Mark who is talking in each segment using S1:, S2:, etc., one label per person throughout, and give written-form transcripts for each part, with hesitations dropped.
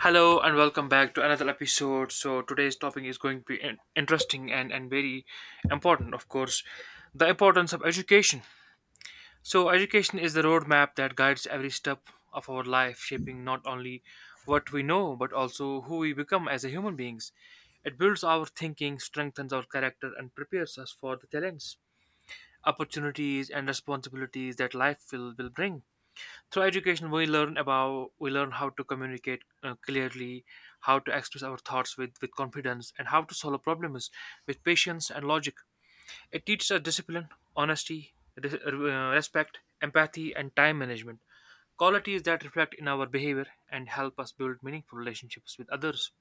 S1: Hello and welcome back to another episode. So today's topic is going to be interesting and very important, of course, the importance of education. So education is the roadmap that guides every step of our life, shaping not only what we know but also who we become as a human beings. It builds our thinking, strengthens our character, and prepares us for the talents, opportunities, and responsibilities that life will bring. Through education we learn about we learn how to communicate clearly, how to express our thoughts with confidence, and how to solve problems with patience and logic. It teaches us discipline, honesty, respect, empathy, and time management, qualities that reflect in our behavior and help us build meaningful relationships with others.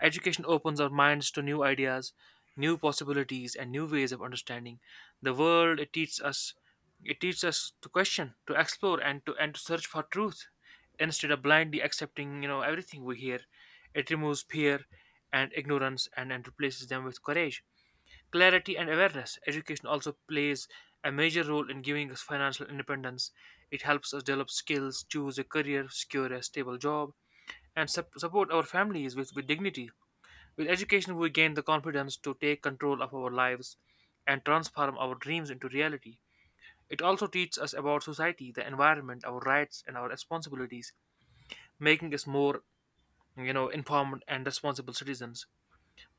S1: Education opens our minds to new ideas, new possibilities, and new ways of understanding the world. It teaches us to question, to explore, and to search for truth instead of blindly accepting everything we hear. It removes fear and ignorance, and replaces them with courage, clarity, and awareness. Education also plays a major role in giving us financial independence. It helps us develop skills, choose a career, secure a stable job, and support our families with dignity. With education, we gain the confidence to take control of our lives and transform our dreams into reality. It also teaches us about society, the environment, our rights, and our responsibilities, making us more, informed and responsible citizens.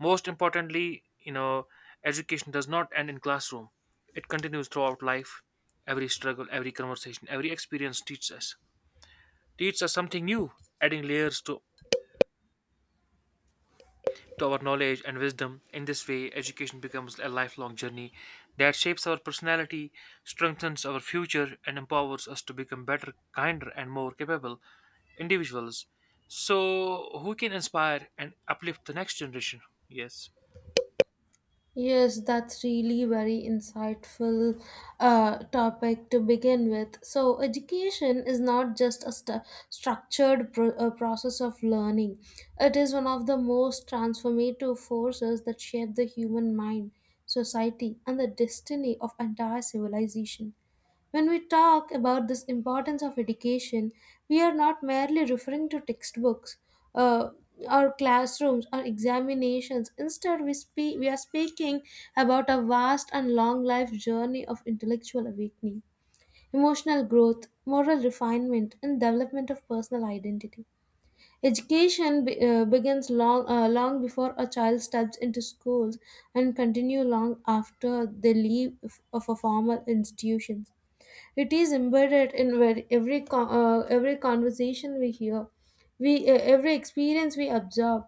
S1: Most importantly, education does not end in classroom. It continues throughout life. Every struggle, every conversation, every experience teaches us something new, adding layers to our knowledge and wisdom. In this way, education becomes a lifelong journey that shapes our personality, strengthens our future, and empowers us to become better, kinder, and more capable individuals. So, who can inspire and uplift the next generation? Yes.
S2: Yes, that's really very insightful topic to begin with. So, education is not just a stu structured process of learning. It is one of the most transformative forces that shape the human mind, society, and the destiny of entire civilization. When we talk about this importance of education, we are not merely referring to textbooks, uh, or classrooms, or examinations. Instead, we are speaking about a vast and long life journey of intellectual awakening, emotional growth, moral refinement, and development of personal identity. Education begins long long before a child steps into schools and continue long after they leave of a formal institutions. It is embedded in every conversation we hear, we every experience we absorb,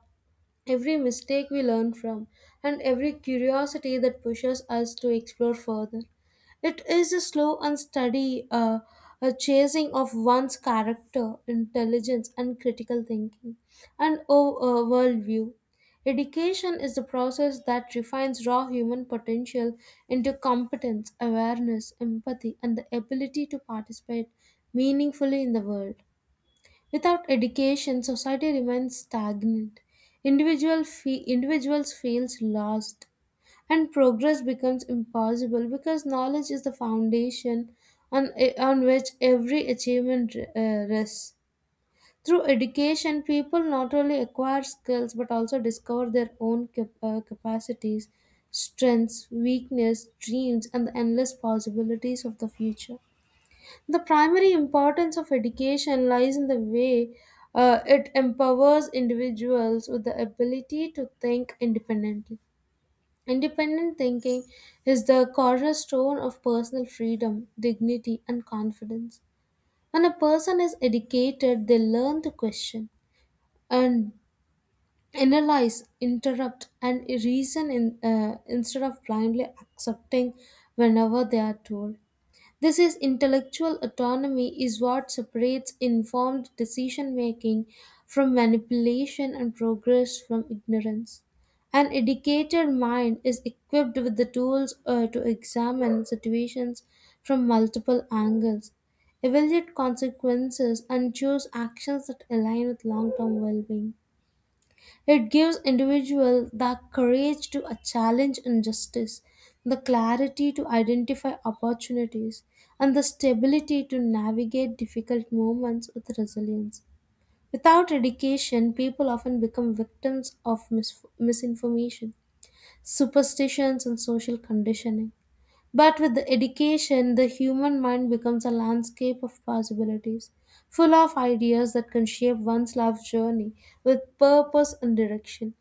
S2: every mistake we learn from, and every curiosity that pushes us to explore further. It is a slow and steady a chasing of one's character, intelligence, and critical thinking, and worldview. Education is the process that refines raw human potential into competence, awareness, empathy, and the ability to participate meaningfully in the world. Without education, society remains stagnant. Individuals feels lost, and progress becomes impossible because knowledge is the foundation on, on which every achievement rests. Through education, people not only acquire skills but also discover their own capacities, strengths, weakness, dreams, and the endless possibilities of the future. The primary importance of education lies in the way it empowers individuals with the ability to think independently. Independent thinking is the cornerstone of personal freedom, dignity, and confidence. When a person is educated, they learn to question and analyze, interrupt, and reason instead of blindly accepting whenever they are told. This is intellectual autonomy is what separates informed decision making from manipulation and progress from ignorance. An educated mind is equipped with the tools to examine situations from multiple angles, evaluate consequences, and choose actions that align with long term well being. It gives individual the courage to challenge injustice, the clarity to identify opportunities, and the stability to navigate difficult moments with resilience. Without education, people often become victims of misinformation, superstitions, and social conditioning. But with the education, the human mind becomes a landscape of possibilities, full of ideas that can shape one's life journey with purpose and direction.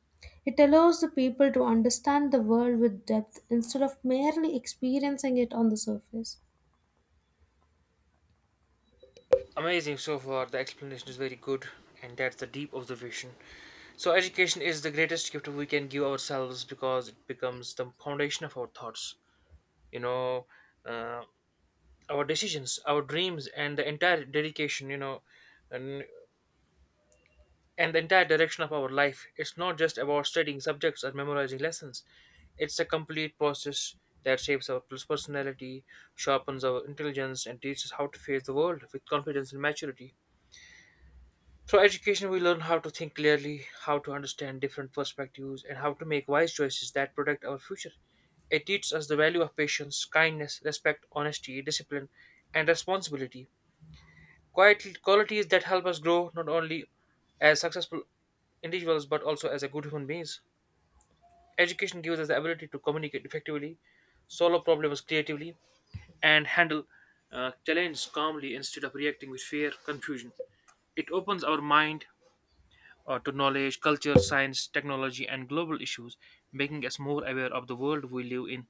S2: It allows the people to understand the world with depth instead of merely experiencing it on the surface.
S1: Amazing so far. The explanation is very good, and that's the deep observation. So, education is the greatest gift we can give ourselves because it becomes the foundation of our thoughts. You know, uh, our decisions, our dreams, and the entire dedication, and, and the entire direction of our life. It's not just about studying subjects or memorizing lessons, it's a complete process that shapes our personality, sharpens our intelligence, and teaches us how to face the world with confidence and maturity. Through education, we learn how to think clearly, how to understand different perspectives, and how to make wise choices that protect our future. It teaches us the value of patience, kindness, respect, honesty, discipline, and responsibility. Quiet qualities that help us grow not only as successful individuals but also as a good human beings. Education gives us the ability to communicate effectively, solve problems creatively, and handle challenges calmly instead of reacting with fear, confusion. It opens our mind to knowledge, culture, science, technology, and global issues, making us more aware of the world we live in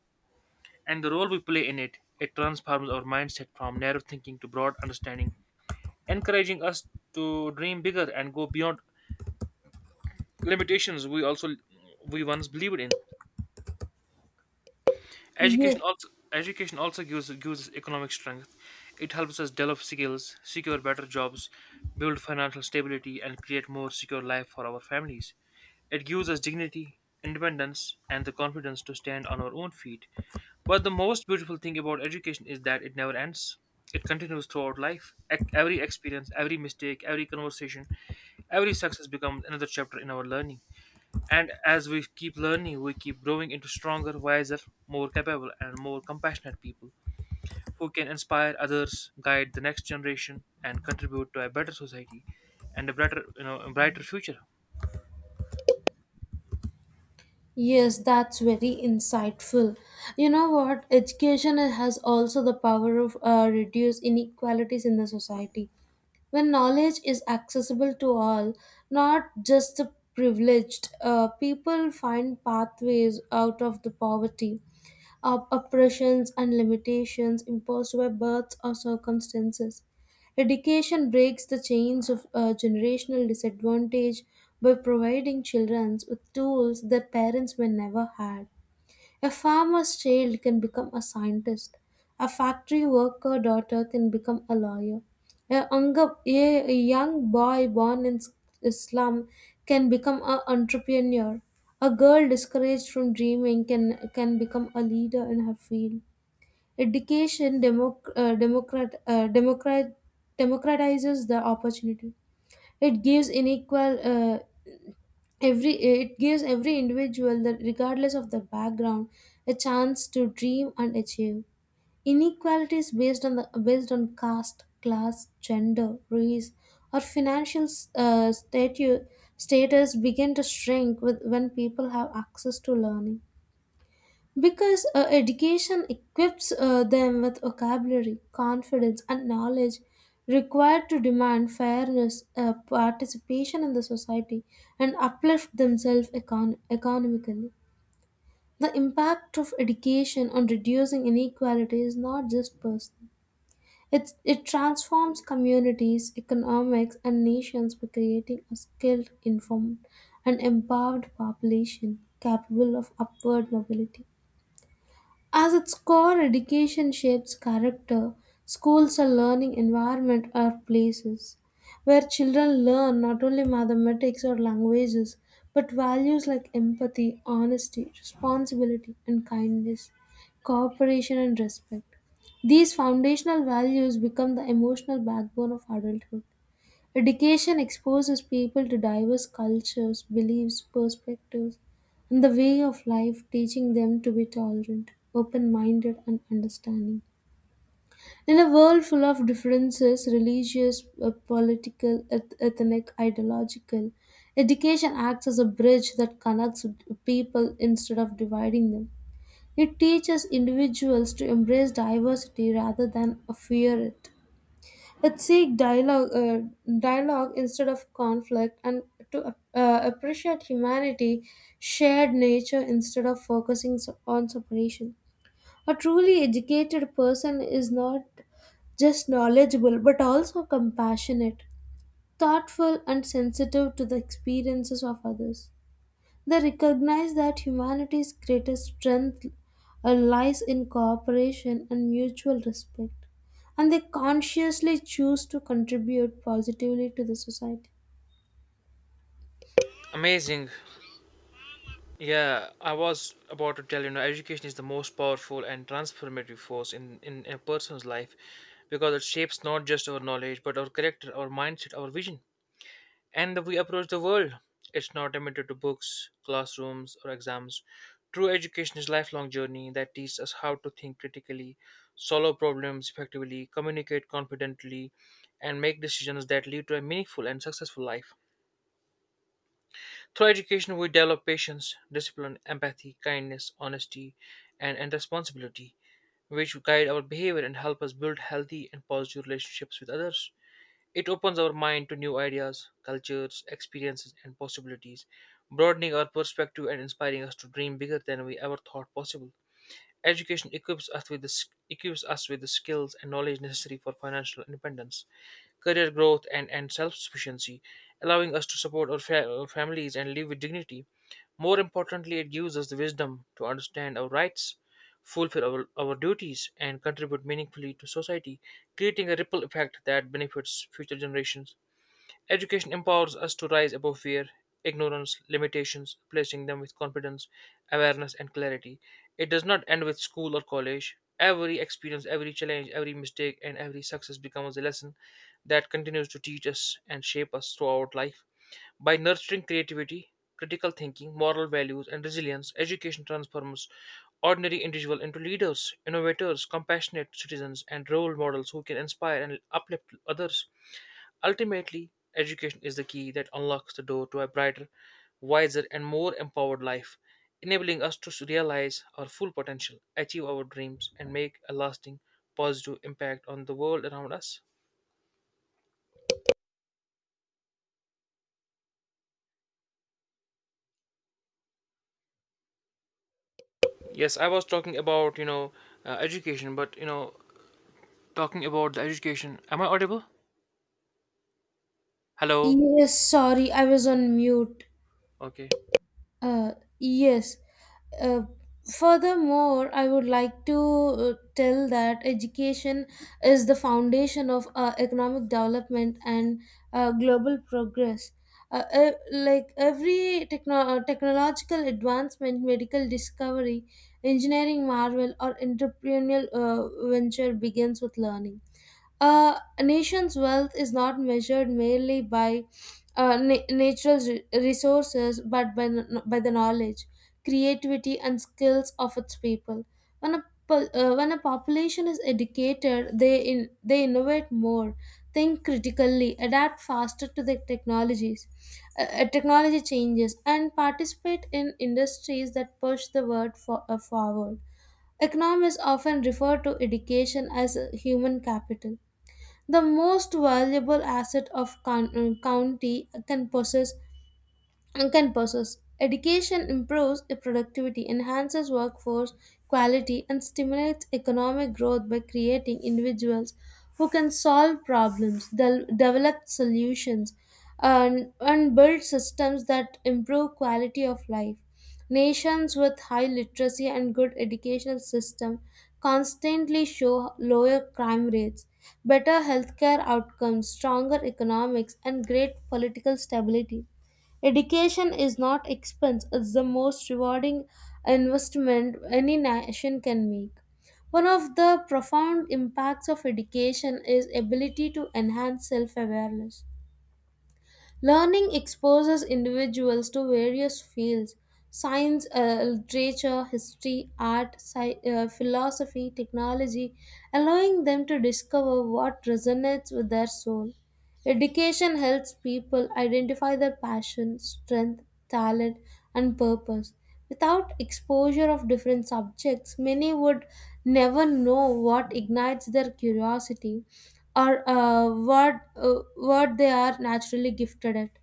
S1: and the role we play in it. It transforms our mindset from narrow thinking to broad understanding, encouraging us to dream bigger and go beyond limitations we once believed in.
S2: Yes,
S1: Education also gives us economic strength. It helps us develop skills, secure better jobs, build financial stability, and create more secure life for our families. It gives us dignity, independence, and the confidence to stand on our own feet. But the most beautiful thing about education is that it never ends. It continues throughout life. Every experience, every mistake, every conversation, every success becomes another chapter in our learning. And as we keep learning, we keep growing into stronger, wiser, more capable, and more compassionate people who can inspire others, guide the next generation, and contribute to a better society and a better, a brighter future.
S2: yes, that's very insightful. You know what? Education has also the power of reduce inequalities in the society. When knowledge is accessible to all, not just the privileged, people find pathways out of the poverty, of oppressions and limitations imposed by birth or circumstances. Education breaks the chains of generational disadvantage by providing children with tools that parents may never had. A farmer's child can become a scientist. A factory worker daughter can become a lawyer. A young boy born in a slum can become an entrepreneur. A girl discouraged from dreaming can become a leader in her field. Education democratizes the opportunity. It gives unequal, uh, it gives every individual that regardless of their background a chance to dream and achieve inequalities based on the based on caste class gender race or financial uh, statu- status begin to shrink with when people have access to learning because education equips them with vocabulary, confidence, and knowledge required to demand fairness, participation in the society, and uplift themselves economically. The impact of education on reducing inequality is not just personal. It transforms communities, economics, and nations by creating a skilled, informed, and empowered population capable of upward mobility. As its core education shapes character, schools are learning environment or places where children learn not only mathematics or languages but values like empathy, honesty, responsibility and kindness, cooperation and respect. These foundational values become the emotional backbone of adulthood. Education exposes people to diverse cultures, beliefs, perspectives, and the way of life, teaching them to be tolerant, open minded, and understanding. In a world full of differences religious, political, ethnic, ideological education acts as a bridge that connects people instead of dividing them. It teaches individuals to embrace diversity rather than fear it. It seek dialogue instead of conflict, and to appreciate humanity, shared nature instead of focusing on separation. A truly educated person is not just knowledgeable but also compassionate, thoughtful, and sensitive to the experiences of others. They recognize that humanity's greatest strength lies in cooperation and mutual respect, and they consciously choose to contribute positively to the society.
S1: Amazing. Yeah, I was about to tell you know, education is the most powerful and transformative force in a person's life because it shapes not just our knowledge but our character, our mindset, our vision, and the way we approach the world. It's not limited to books, classrooms, or exams. True education is a lifelong journey that teaches us how to think critically, solve problems effectively, communicate confidently, and make decisions that lead to a meaningful and successful life. Through education, we develop patience, discipline, empathy, kindness, honesty, and responsibility, which guide our behavior and help us build healthy and positive relationships with others. It opens our mind to new ideas, cultures, experiences, and possibilities, broadening our perspective and inspiring us to dream bigger than we ever thought possible. Education equips us with the, s- equips us with the skills and knowledge necessary for financial independence, career growth, and self sufficiency, allowing us to support our families and live with dignity. More importantly, it gives us the wisdom to understand our rights, fulfill our duties, and contribute meaningfully to society, creating a ripple effect that benefits future generations. Education empowers us to rise above fear, ignorance, limitations, placing them with confidence, awareness, and clarity. It does not end with school or college. Every experience, every challenge, every mistake, and every success becomes a lesson that continues to teach us and shape us throughout life. By nurturing creativity, critical thinking, moral values, and resilience, education transforms ordinary individuals into leaders, innovators, compassionate citizens, and role models who can inspire and uplift others. Ultimately, education is the key that unlocks the door to a brighter, wiser, and more empowered life, enabling us to realize our full potential, achieve our dreams, and make a lasting positive impact on the world around us. Yes, I was talking about, education, but, talking about the education. Am I audible? Hello?
S2: Yes, sorry, I was on mute.
S1: Okay.
S2: Uh, yes. Uh, furthermore, I would like to tell that education is the foundation of economic development and global progress. Like every technological advancement, medical discovery, engineering marvel, or entrepreneurial venture begins with learning a nation's wealth is not measured merely by natural resources but by the knowledge, creativity, and skills of its people. When a population is educated, they innovate more, think critically, adapt faster to the technologies, technology changes, and participate in industries that push the world forward. Economists often refer to education as a human capital the most valuable asset of county can possess and purposes. Education improves productivity, enhances workforce quality, and stimulates economic growth by creating individuals who can solve problems, develop solutions, and build systems that improve quality of life. Nations with high literacy and good educational system constantly show lower crime rates, better healthcare outcomes, stronger economics, and great political stability. Education is not expense, it's the most rewarding investment any nation can make. One of the profound impacts of education is ability to enhance self-awareness. Learning exposes individuals to various fields science, literature, history, art, philosophy, technology, allowing them to discover what resonates with their soul. Education helps people identify their passion, strength, talent, and purpose. Without exposure of different subjects, many would never know what ignites their curiosity or what they are naturally gifted at.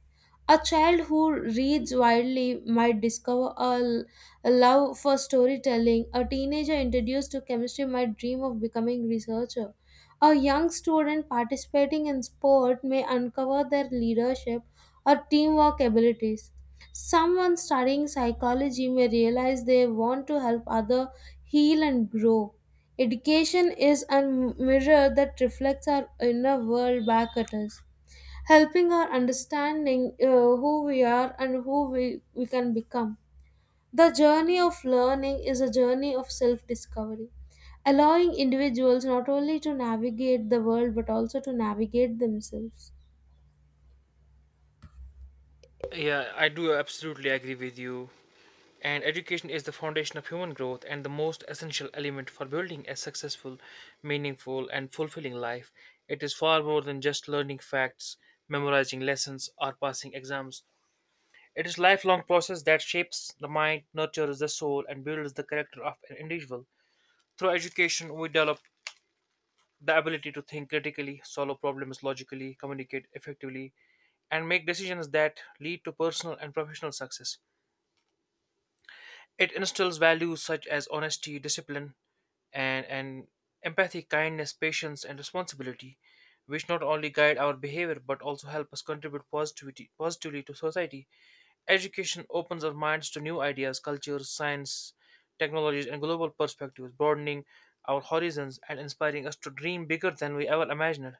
S2: A child who reads widely might discover a love for storytelling. A teenager introduced to chemistry might dream of becoming researcher. A young student participating in sport may uncover their leadership or teamwork abilities. Someone studying psychology may realize they want to help other heal and grow. Education is a mirror that reflects our inner world back at us, helping our understanding who we are and who we can become. The journey of learning is a journey of self discovery, allowing individuals not only to navigate the world but also to navigate themselves.
S1: Yeah, I do absolutely agree with you. And education is the foundation of human growth and the most essential element for building a successful, meaningful, and fulfilling life. It is far more than just learning facts, memorizing lessons, or passing exams. It is lifelong process that shapes the mind, nurtures the soul, and builds the character of an individual. Through education, we develop the ability to think critically, solve problems logically, communicate effectively, and make decisions that lead to personal and professional success. It instills values such as honesty, discipline, and empathy, kindness, patience, and responsibility, which not only guide our behavior but also help us contribute positively to society. Education opens our minds to new ideas, cultures, science, technologies, and global perspectives, broadening our horizons and inspiring us to dream bigger than we ever imagined.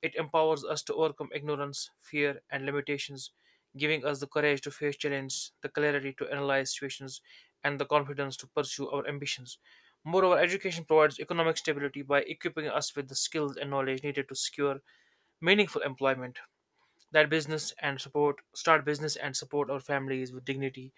S1: It empowers us to overcome ignorance, fear, and limitations, giving us the courage to face challenges, the clarity to analyze situations, and the confidence to pursue our ambitions. Moreover, education provides economic stability by equipping us with the skills and knowledge needed to secure meaningful employment that business and support start business and support our families with dignity.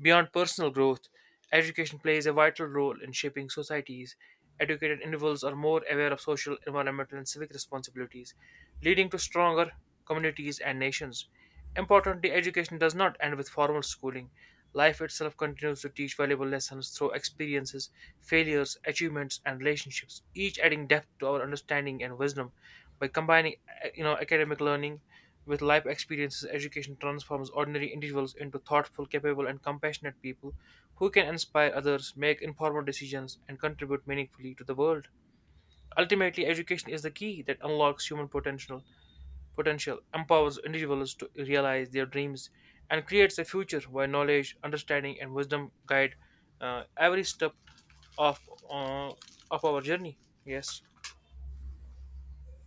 S1: Beyond personal growth, education plays a vital role in shaping societies. Educated individuals are more aware of social, environmental, and civic responsibilities, leading to stronger communities and nations. Importantly, education does not end with formal schooling. Life itself continues to teach valuable lessons through experiences, failures, achievements, and relationships, each adding depth to our understanding and wisdom by combining academic learning with life experiences. Education transforms ordinary individuals into thoughtful, capable, and compassionate people who can inspire others, make informed decisions, and contribute meaningfully to the world. Ultimately, education is the key that unlocks human potential, potential empowers individuals to realize their dreams, and creates a future where knowledge, understanding, and wisdom guide every step of, uh, of our journey. Yes.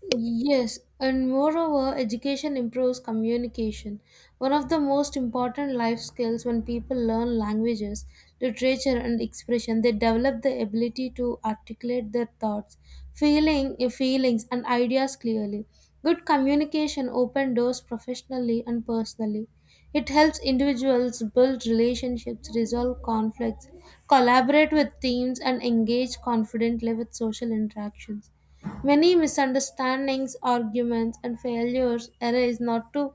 S2: Yes, and moreover, education improves communication, one of the most important life skills when people learn languages, literature, and expression. They develop the ability to articulate their thoughts, feelings, and ideas clearly. Good communication opens doors professionally and personally. It helps individuals build relationships, resolve conflicts, collaborate with teams, and engage confidently with social interactions. Many misunderstandings, arguments, and failures arise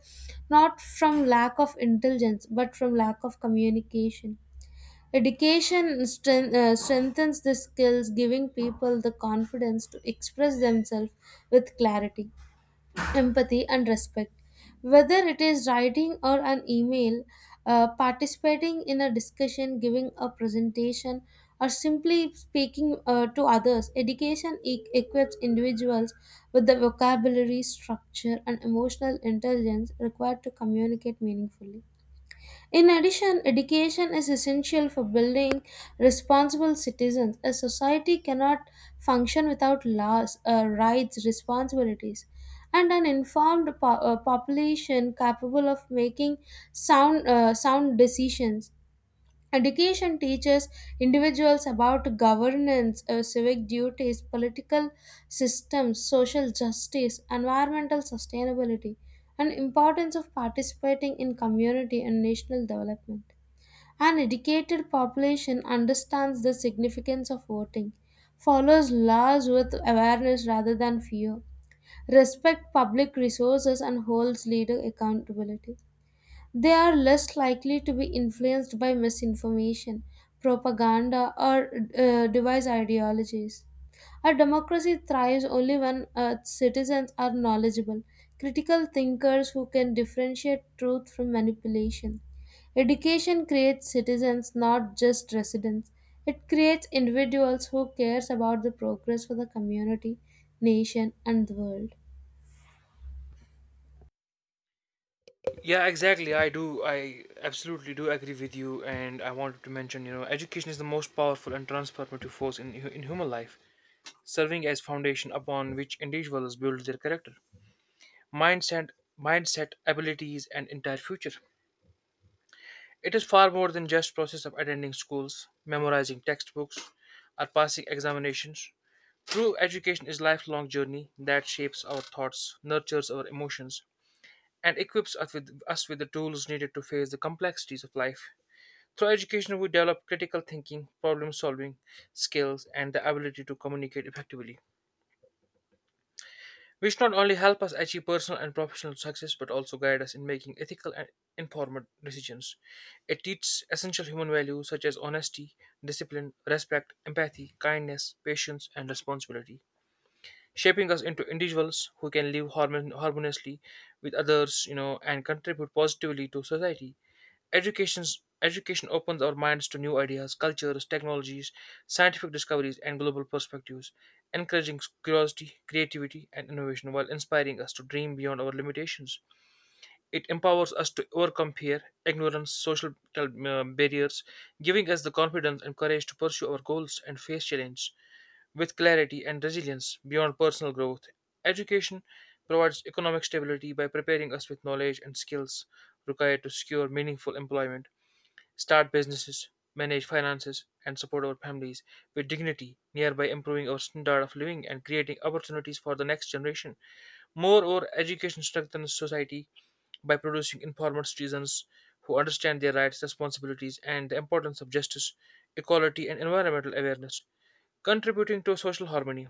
S2: not from lack of intelligence but from lack of communication. Education strengthens the skills, giving people the confidence to express themselves with clarity empathy and respect whether it is writing or an email, participating in a discussion giving a presentation or simply speaking to others education equips individuals with the vocabulary structure and emotional intelligence required to communicate meaningfully in addition, education is essential for building responsible citizens. A society cannot function without laws, rights, responsibilities, and an informed population capable of making sound decisions. Education teaches individuals about governance, civic duties, political systems, social justice, environmental sustainability, and importance of participating in community and national development. An educated population understands the significance of voting, follows laws with awareness rather than fear, respect public resources and holds leader accountability. They are less likely to be influenced by misinformation, propaganda, or device ideologies. A democracy thrives only when citizens are knowledgeable, critical thinkers who can differentiate truth from manipulation. Education creates citizens, not just residents. It creates individuals who cares about the progress for the community, nation, and the world.
S1: Yeah, exactly. I do. I absolutely do agree with you. And I wanted to mention, you know, education is the most powerful and transformative force in human life, serving as foundation upon which individuals build their character, mindset, mindset, abilities, and entire future. It is far more than just process of attending schools, memorizing textbooks, or passing examinations. True education is lifelong journey that shapes our thoughts, nurtures our emotions, and equips us with the tools needed to face the complexities of life. Through education, we develop critical thinking, problem solving skills, and the ability to communicate effectively, which not only help us achieve personal and professional success but also guide us in making ethical and informed decisions. It teaches essential human values such as honesty, discipline, respect, empathy, kindness, patience, and responsibility, shaping us into individuals who can live harmoniously with others, you know, and contribute positively to society. Education opens our minds to new ideas, cultures, technologies, scientific discoveries, and global perspectives, encouraging curiosity, creativity, and innovation while inspiring us to dream beyond our limitations. It empowers us to overcome fear, ignorance, social barriers, giving us the confidence and courage to pursue our goals and face challenge with clarity and resilience beyond personal growth. Education provides economic stability by preparing us with knowledge and skills required to secure meaningful employment start businesses, manage finances, and support our families with dignity, thereby improving our standard of living and creating opportunities for the next generation. Moreover, education strengthens society by producing informed citizens who understand their rights, responsibilities, and the importance of justice, equality, and environmental awareness, contributing to social harmony,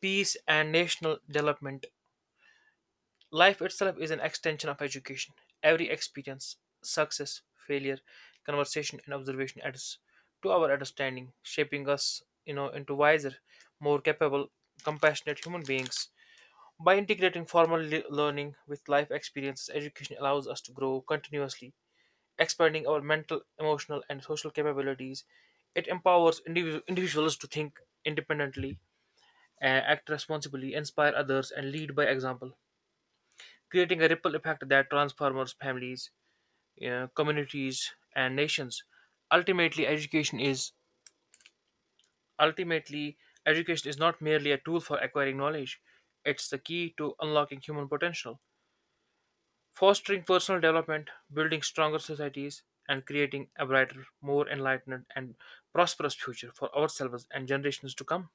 S1: peace, and national development. Life itself is an extension of education. Every experience, success, failure, conversation, and observation adds to our understanding, shaping us, into wiser, more capable, compassionate human beings. By integrating formal learning with life experiences, education allows us to grow continuously, expanding our mental, emotional, and social capabilities. It empowers individuals to think independently, act responsibly, inspire others, and lead by example creating a ripple effect that transforms families, communities, and nations. Ultimately, education is ultimately, education is not merely a tool for acquiring knowledge; it's the key to unlocking human potential, fostering personal development, building stronger societies, and creating a brighter, more enlightened, and prosperous future for ourselves and generations to come.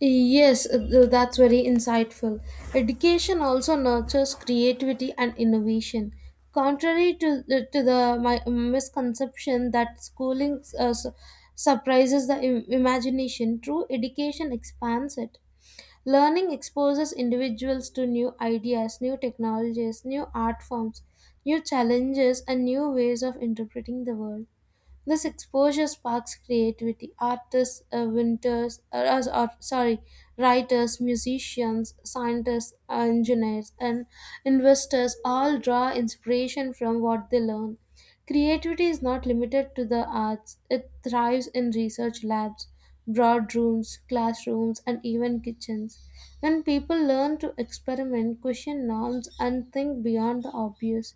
S2: Yes, that's very insightful. Education also nurtures creativity and innovation. Contrary to the misconception that schooling surprises the imagination, true education expands it. Learning exposes individuals to new ideas, new technologies, new art forms, new challenges, and new ways of interpreting the world. This exposure sparks creativity. Artists, writers, musicians, scientists, engineers, and investors all draw inspiration from what they learn. Creativity is not limited to the arts, it thrives in research labs, broad rooms, classrooms, and even kitchens. When people learn to experiment, question norms, and think beyond the obvious,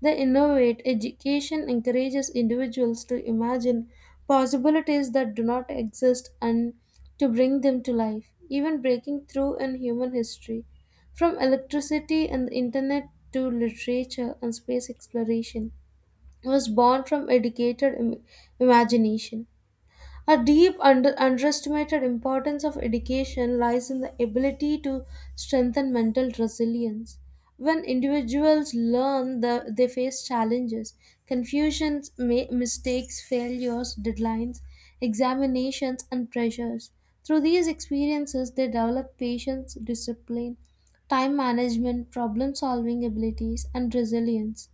S2: the Innovate education encourages individuals to imagine possibilities that do not exist and to bring them to life, even breaking through in human history. From electricity and the internet to literature and space exploration was born from educated imagination. A deep underestimated importance of education lies in the ability to strengthen mental resilience. When individuals learn, they face challenges, confusions, mistakes, failures, deadlines, examinations, and pressures. Through these experiences, they develop patience, discipline, time management, problem solving abilities, and resilience.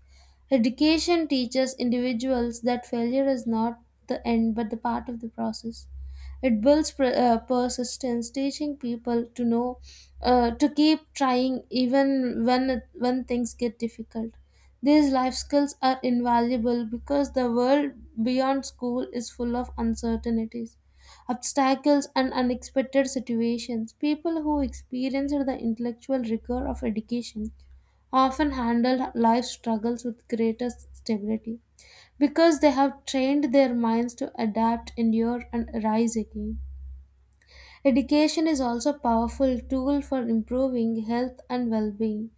S2: Education teaches individuals that failure is not the end but the part of the process. It builds persistence, teaching people to know to keep trying even when things get difficult. These life skills are invaluable because the world beyond school is full of uncertainties, obstacles, and unexpected situations. People who experienced the intellectual rigor of education often handle life struggles with greater stability because they have trained their minds to adapt, endure, and rise again. Education is also a powerful tool for improving health and well being.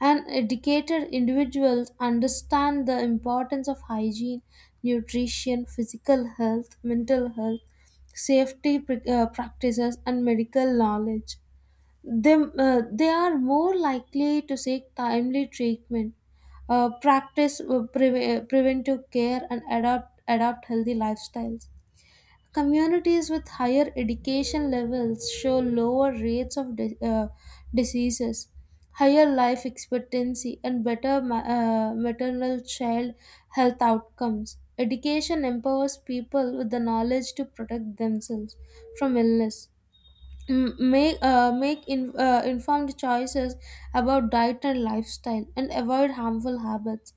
S2: And educated individuals understand the importance of hygiene, nutrition, physical health, mental health, practices, and medical knowledge. They are more likely to seek timely treatment, practice preventive care, and adopt healthy lifestyles. Communities with higher education levels show lower rates of diseases, higher life expectancy, and better maternal child health outcomes. Education empowers people with the knowledge to protect themselves from illness make informed choices about diet and lifestyle and avoid harmful habits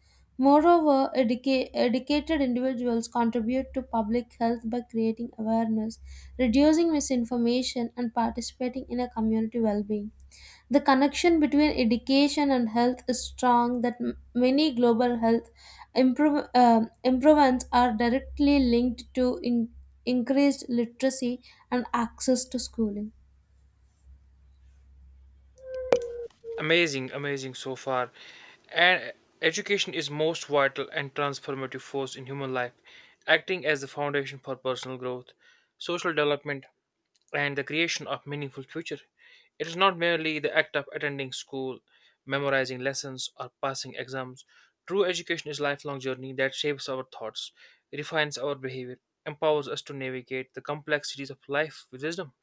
S2: moreover educated individuals contribute to public health by creating awareness reducing misinformation and participating in a community well-being the connection between education and health is strong that many global health improvements are directly linked to increased literacy and access to schooling.
S1: Amazing, amazing so far. And education is most vital and transformative force in human life, acting as the foundation for personal growth, social development, and the creation of meaningful future. It is not merely the act of attending school, memorizing lessons, or passing exams. True education is a lifelong journey that shapes our thoughts, refines our behavior, empowers us to navigate the complexities of life with wisdom.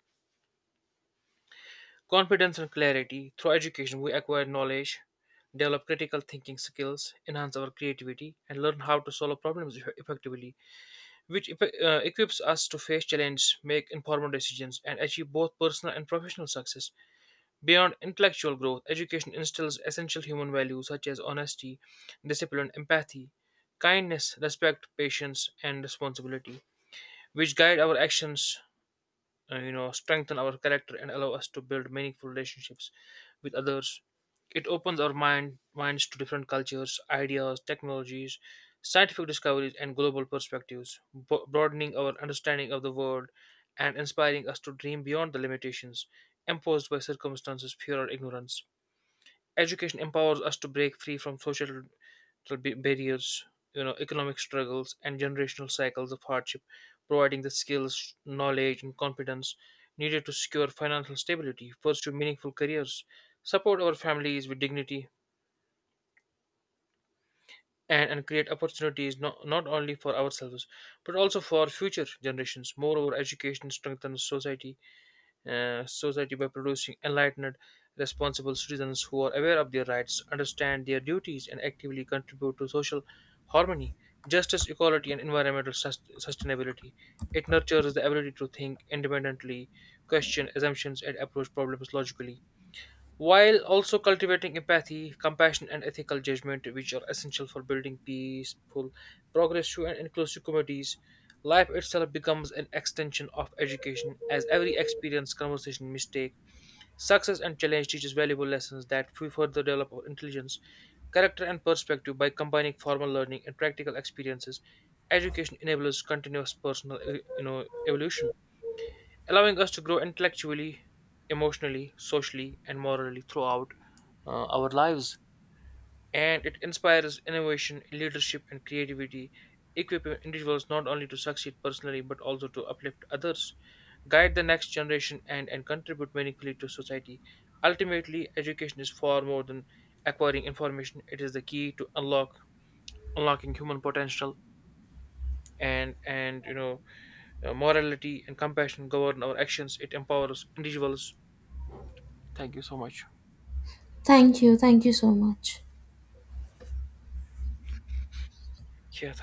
S1: Confidence and clarity. Through education, we acquire knowledge, develop critical thinking skills, enhance our creativity, and learn how to solve problems effectively, which equips us to face challenges, make informed decisions, and achieve both personal and professional success. Beyond intellectual growth, education instills essential human values such as honesty, discipline, empathy, kindness, respect, patience, and responsibility, which guide our actions, strengthen our character and allow us to build meaningful relationships with others. It opens our minds to different cultures, ideas, technologies, scientific discoveries, and global perspectives, broadening our understanding of the world and inspiring us to dream beyond the limitations imposed by circumstances, fear, or ignorance. Education empowers us to break free from social barriers, economic struggles, and generational cycles of hardship, providing the skills, knowledge, and confidence needed to secure financial stability, pursue meaningful careers, support our families with dignity, and, create opportunities not only for ourselves but also for future generations. Moreover, education strengthens society by producing enlightened, responsible citizens who are aware of their rights, understand their duties, and actively contribute to social harmony, justice, equality, and environmental sustainability. It nurtures the ability to think independently, question assumptions, and approach problems logically while also cultivating empathy, compassion, and ethical judgment, which are essential for building peaceful, progressive, and inclusive communities. Life itself becomes an extension of education, as every experience, conversation, mistake, success, and challenge teaches valuable lessons that we further develop our intelligence, character, and perspective by combining formal learning and practical experiences. Education enables continuous personal evolution, allowing us to grow intellectually, emotionally, socially, and morally throughout our lives, and it inspires innovation, leadership, and creativity, equipping individuals not only to succeed personally but also to uplift others, guide the next generation, and, contribute meaningfully to society. Ultimately, education is far more than acquiring information, it is the key to unlocking human potential and you know morality and compassion govern our actions. It empowers individuals. Thank you so much.
S2: Thank you. Thank you so much.
S1: Yeah, thank